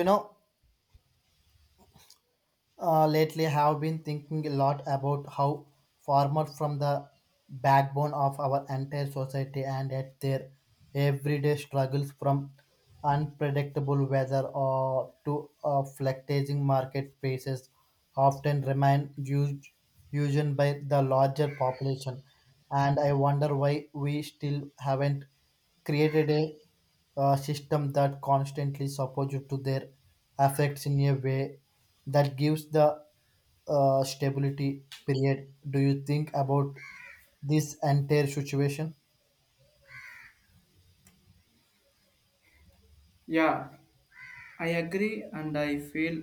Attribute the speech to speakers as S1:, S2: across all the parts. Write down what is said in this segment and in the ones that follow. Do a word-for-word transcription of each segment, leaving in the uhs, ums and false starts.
S1: You know, uh, Lately I have been thinking a lot about how farmers from the backbone of our entire society and at their everyday struggles from unpredictable weather or to uh, fluctuating market prices often remain used, used by the larger population. And I wonder why we still haven't created a uh, system that constantly supports you to their affects in a way that gives the uh, stability period. Do you think about this entire situation?
S2: Yeah, I agree, and I feel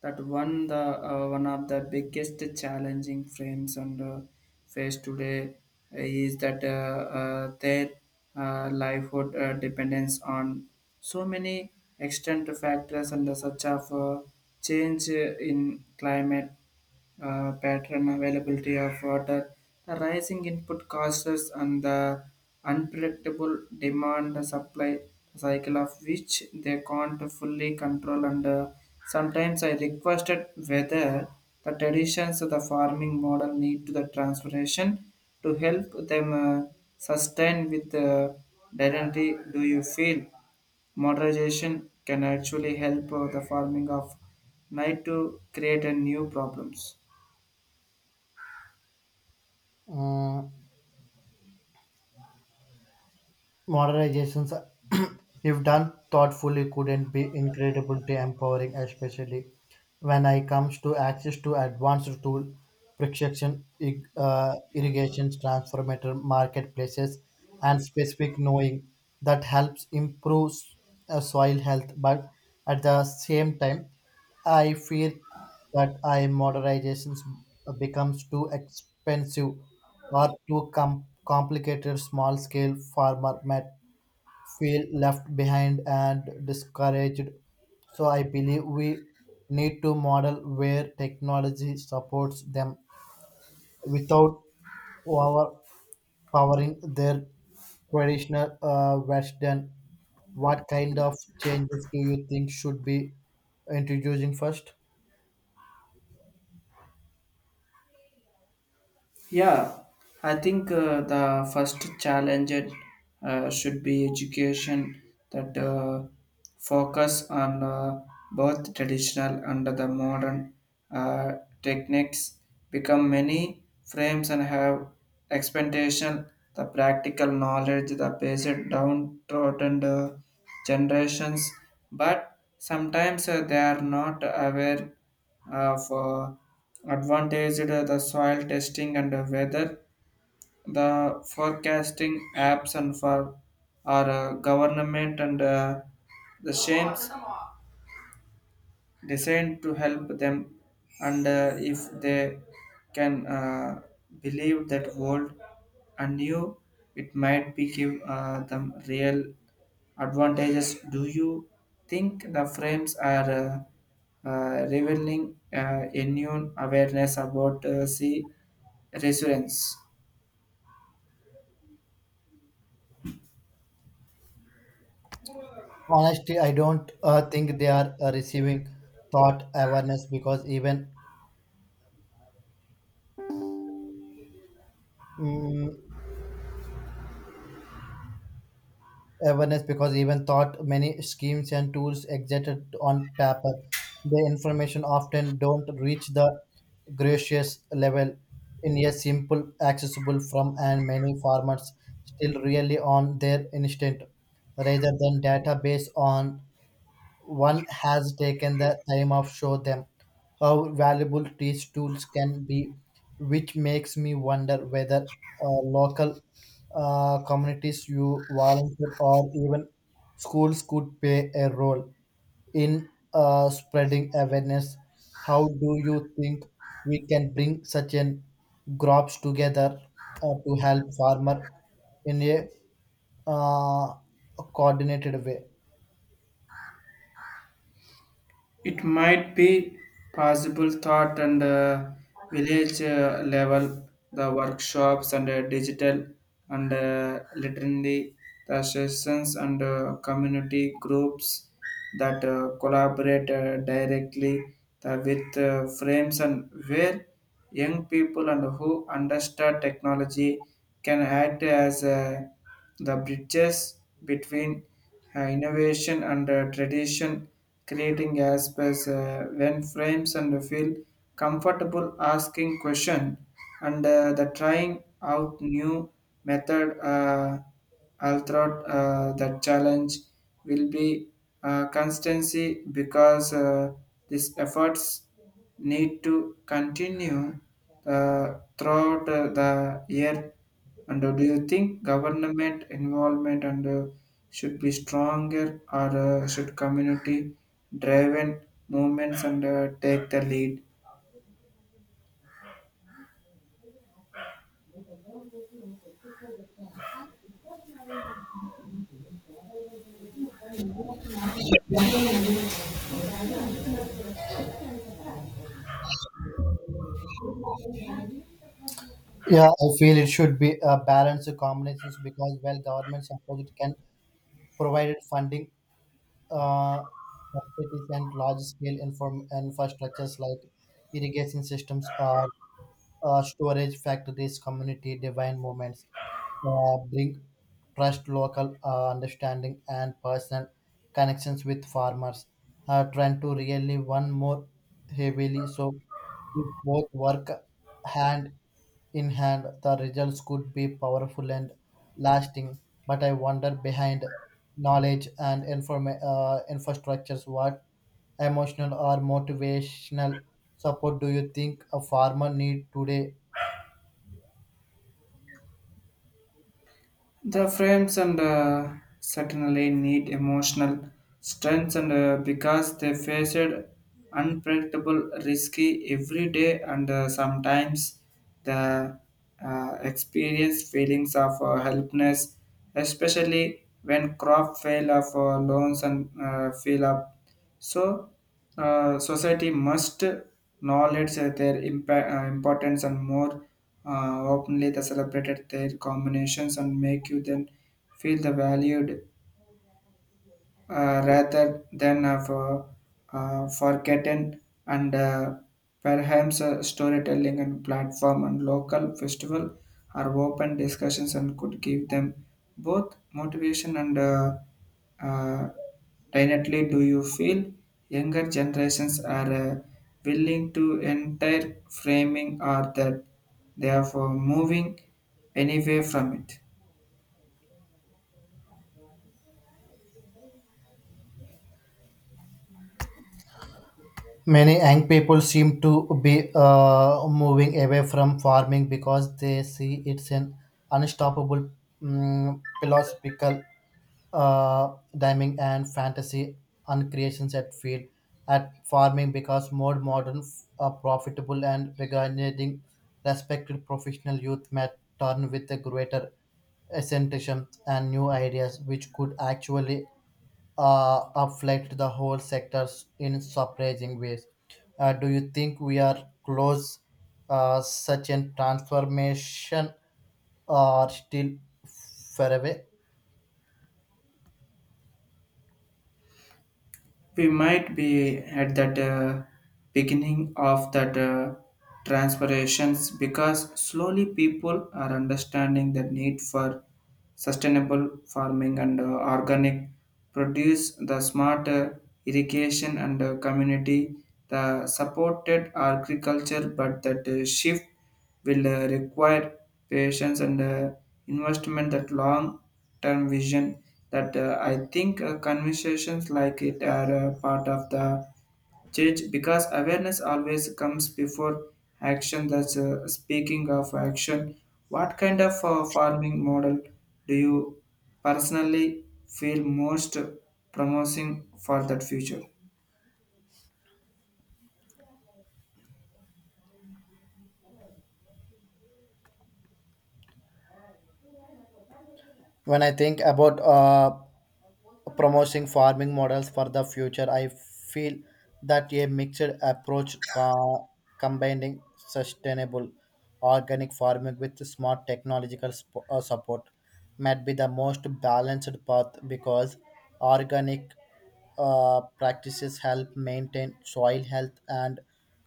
S2: that one the uh, one of the biggest challenging frames on the face today is that uh, uh, their uh, livelihood uh, dependence on so many external factors and the such of uh, change in climate uh, pattern availability of water, the rising input costs, and the unpredictable demand and supply cycle of which they can't fully control. And uh, sometimes I requested whether the traditions of the farming model need to the transformation to help them uh, sustain with the identity. Do you feel modernization can actually help uh, the farming of night to create a new problems?
S1: Uh, Modernizations, if done thoughtfully, couldn't be incredibly empowering, especially when I comes to access to advanced tool, precision ig- uh, irrigations, transformator marketplaces, and specific knowing that helps improve uh, soil health. But at the same time, I fear that I modernizations becomes too expensive or too com- complicated small scale farmer met feel left behind and discouraged. So I believe we need to model where technology supports them without overpowering their traditional uh, Western. What kind of changes do you think should be introducing first?
S2: Yeah, I think uh, the first challenge uh, should be education that uh, focus on uh, both traditional and the modern uh, techniques become many frames and have expectation the practical knowledge the basic downtrodden uh, generations, but sometimes uh, they are not aware of uh, Advantage uh, the soil testing and uh, weather the forecasting apps and for our uh, government and uh, the shames designed to help them and uh, if they can uh, believe that world anew, it might be give uh, them real advantages. Do you think the frames are uh, uh, revealing uh, a new awareness about uh, sea resurgence?
S1: Honestly, I don't uh, think they are uh, receiving thought awareness because even mm, awareness because even thought many schemes and tools existed on paper, the information often don't reach the gracious level in a simple, accessible from, and many farmers still really on their instinct rather than database on one has taken the time of show them how valuable these tools can be, which makes me wonder whether uh, local uh, communities, you volunteer, or even schools could play a role in uh, spreading awareness. How do you think we can bring such an groups together uh, to help farmer in a uh, coordinated way?
S2: It might be possible thought and uh, village uh, level, the workshops and uh, digital and uh, literally the sessions and uh, community groups that uh, collaborate uh, directly the, with uh, frames, and where young people and who understand technology can act as uh, the bridges between uh, innovation and uh, tradition, creating aspects uh, when frames and feel comfortable asking question and uh, the trying out new method. Uh, throughout uh, the challenge will be uh, constancy, because uh, these efforts need to continue the, throughout uh, the year. And uh, do you think government involvement and uh, should be stronger, or uh, should community-driven movements and uh, take the lead?
S1: Yeah, I feel it should be a balanced combinations because while government support it can provide it funding, uh, subsidies, and large scale inform infrastructures like irrigation systems or uh, storage factories, community divine movements uh, bring trust, local uh, understanding, and personal connections with farmers. Are trying to really one more heavily. So, if both work hand in hand, the results could be powerful and lasting. But I wonder behind knowledge and inform uh, infrastructures, what emotional or motivational support do you think a farmer need today?
S2: The frames and uh, certainly need emotional strength and uh, because they faced unpredictable, risky every day and uh, sometimes the uh, experience feelings of uh, helplessness, especially when crop fail of uh, loans and uh, fill up. So, uh, society must acknowledge their impa- uh, importance, and more uh, openly they celebrated their combinations and make you then feel the valued uh, rather than of uh, uh, forgotten, and uh, perhaps uh, storytelling and platform and local festival are open discussions and could give them both motivation and uh, uh, definitely. Do you feel younger generations are uh, willing to entire framing, or that they are for moving anyway from it?
S1: Many young people seem to be uh, moving away from farming because they see it's an unstoppable mm philosophical uh, dimming and fantasy uncreations at field at farming because more modern, uh, profitable and regarding respected professional youth may turn with a greater ascension and new ideas which could actually uh, affect the whole sectors in surprising ways. Uh, do you think we are close uh, such a transformation or still far away?
S2: We might be at that uh, beginning of that uh, transformations, because slowly people are understanding the need for sustainable farming and uh, organic produce, the smart uh, irrigation and uh, community the supported agriculture. But that uh, shift will uh, require patience and uh, investment, that long term vision that uh, I think uh, conversations like it are uh, part of the Change, because awareness always comes before action. That's uh, speaking of action. What kind of uh, farming model do you personally feel most promising for that future?
S1: When I think about uh, promoting farming models for the future, I feel that a mixed approach co- combining sustainable organic farming with smart technological sp- uh, support might be the most balanced path because organic uh, practices help maintain soil health and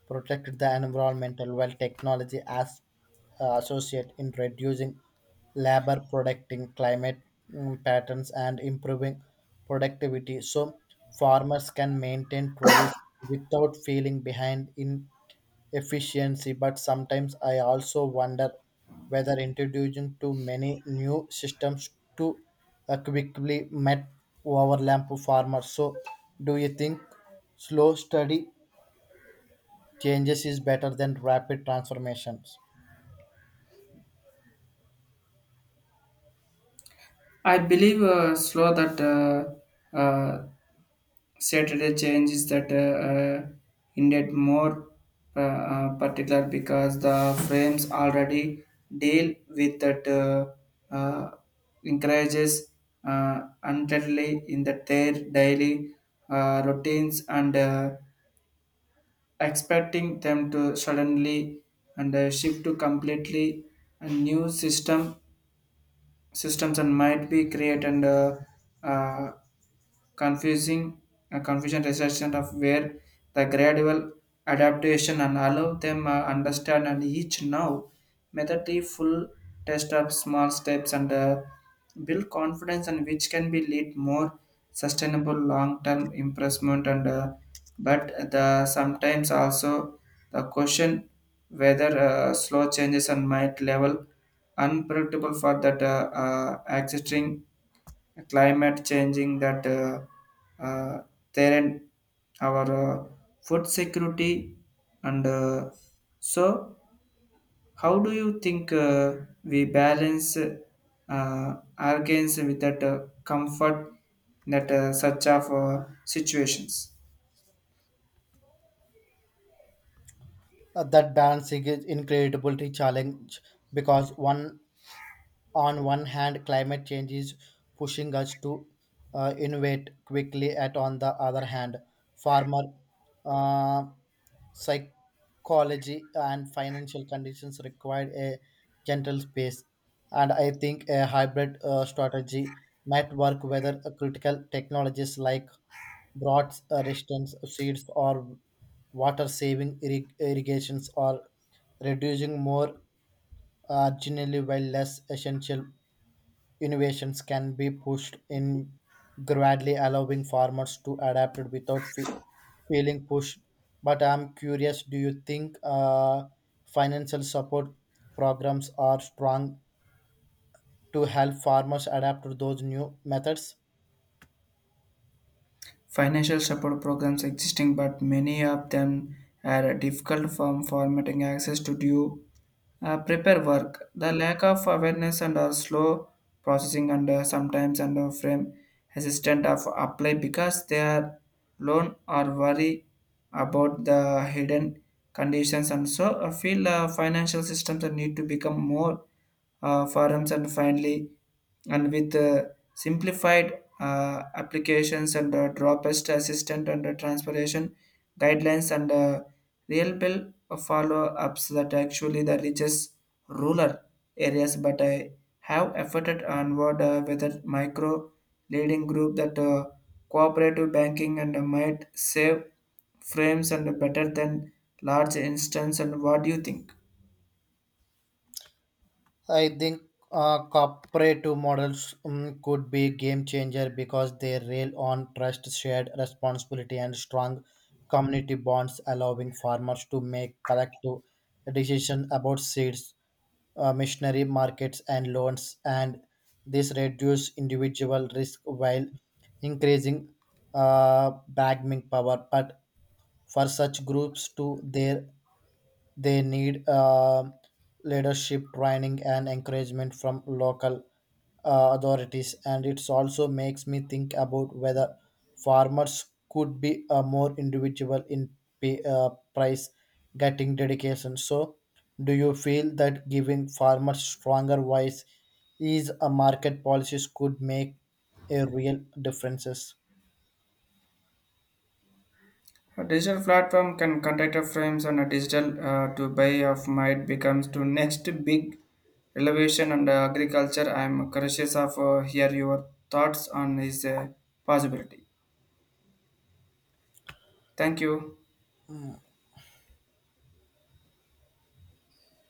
S1: protect the environmental while technology as uh, associate in reducing labor, protecting climate mm, patterns, and improving productivity so farmers can maintain traditions without feeling behind in efficiency. But sometimes I also wonder whether introducing too many new systems to uh, quickly met overlap farmers. So do you think slow steady changes is better than rapid transformations?
S2: I believe uh, slow that uh, uh, Saturday change is that uh, uh, indeed more uh, uh, particular, because the frames already deal with that uh, uh, encourages uh, undoubtedly in that their daily uh, routines, and uh, expecting them to suddenly and uh, shift to completely a new system systems and might be created and uh, uh, confusing uh, confusion resistant of, where the gradual adaptation and allow them uh, understand and each now method the full test of small steps and uh, build confidence and which can be lead more sustainable long-term improvement, and uh, but the sometimes also the question whether uh, slow changes and might level unpredictable for that uh, uh, existing climate changing that uh, uh, there our uh, food security and uh, so how do you think uh, we balance uh, our gains with that uh, comfort that uh, such of uh, situations?
S1: Uh, that balancing is incredibly challenge because one on one hand climate change is pushing us to uh, innovate quickly, and on the other hand farmer uh, psychology and financial conditions require a gentle space. And I think a hybrid uh, strategy might work whether uh, critical technologies like drought resistance seeds or water saving irrig- irrigations or reducing more originally while less essential innovations can be pushed in gradually, allowing farmers to adapt it without fe- feeling pushed. But I'm curious, do you think uh, financial support programs are strong to help farmers adapt to those new methods?
S2: Financial support programs existing, but many of them are difficult from formatting access to due uh, prepare work. The lack of awareness and uh, slow processing and uh, sometimes under frame assistant of apply because they are loan or worry about the hidden conditions. And so I feel uh, financial systems need to become more uh, forums and finally, and with uh, simplified uh, applications and uh, dropest assistant and uh, transportation guidelines and uh, real bill follow-ups that actually the richest rural areas. But I have efforted onward uh, with a micro leading group that uh, cooperative banking and uh, might save frames and better than large instance. And what do you think?
S1: I think uh, cooperative models um, could be game changer because they rail on trust, shared responsibility, and strong community bonds, allowing farmers to make collective decisions about seeds, uh, missionary markets, and loans. And this reduce individual risk while increasing uh, bargaining power. But for such groups, too, their they need um leadership training and encouragement from local uh, authorities. And it also makes me think about whether farmers could be uh, more individual in pay, uh, price getting dedication. So, do you feel that giving farmers stronger voice is a market policies could make a real differences?
S2: A digital platform can contact a frames and a digital uh, to buy of might becomes to next big elevation and uh, agriculture. I am curious of uh, hear your thoughts on this uh, possibility. Thank you.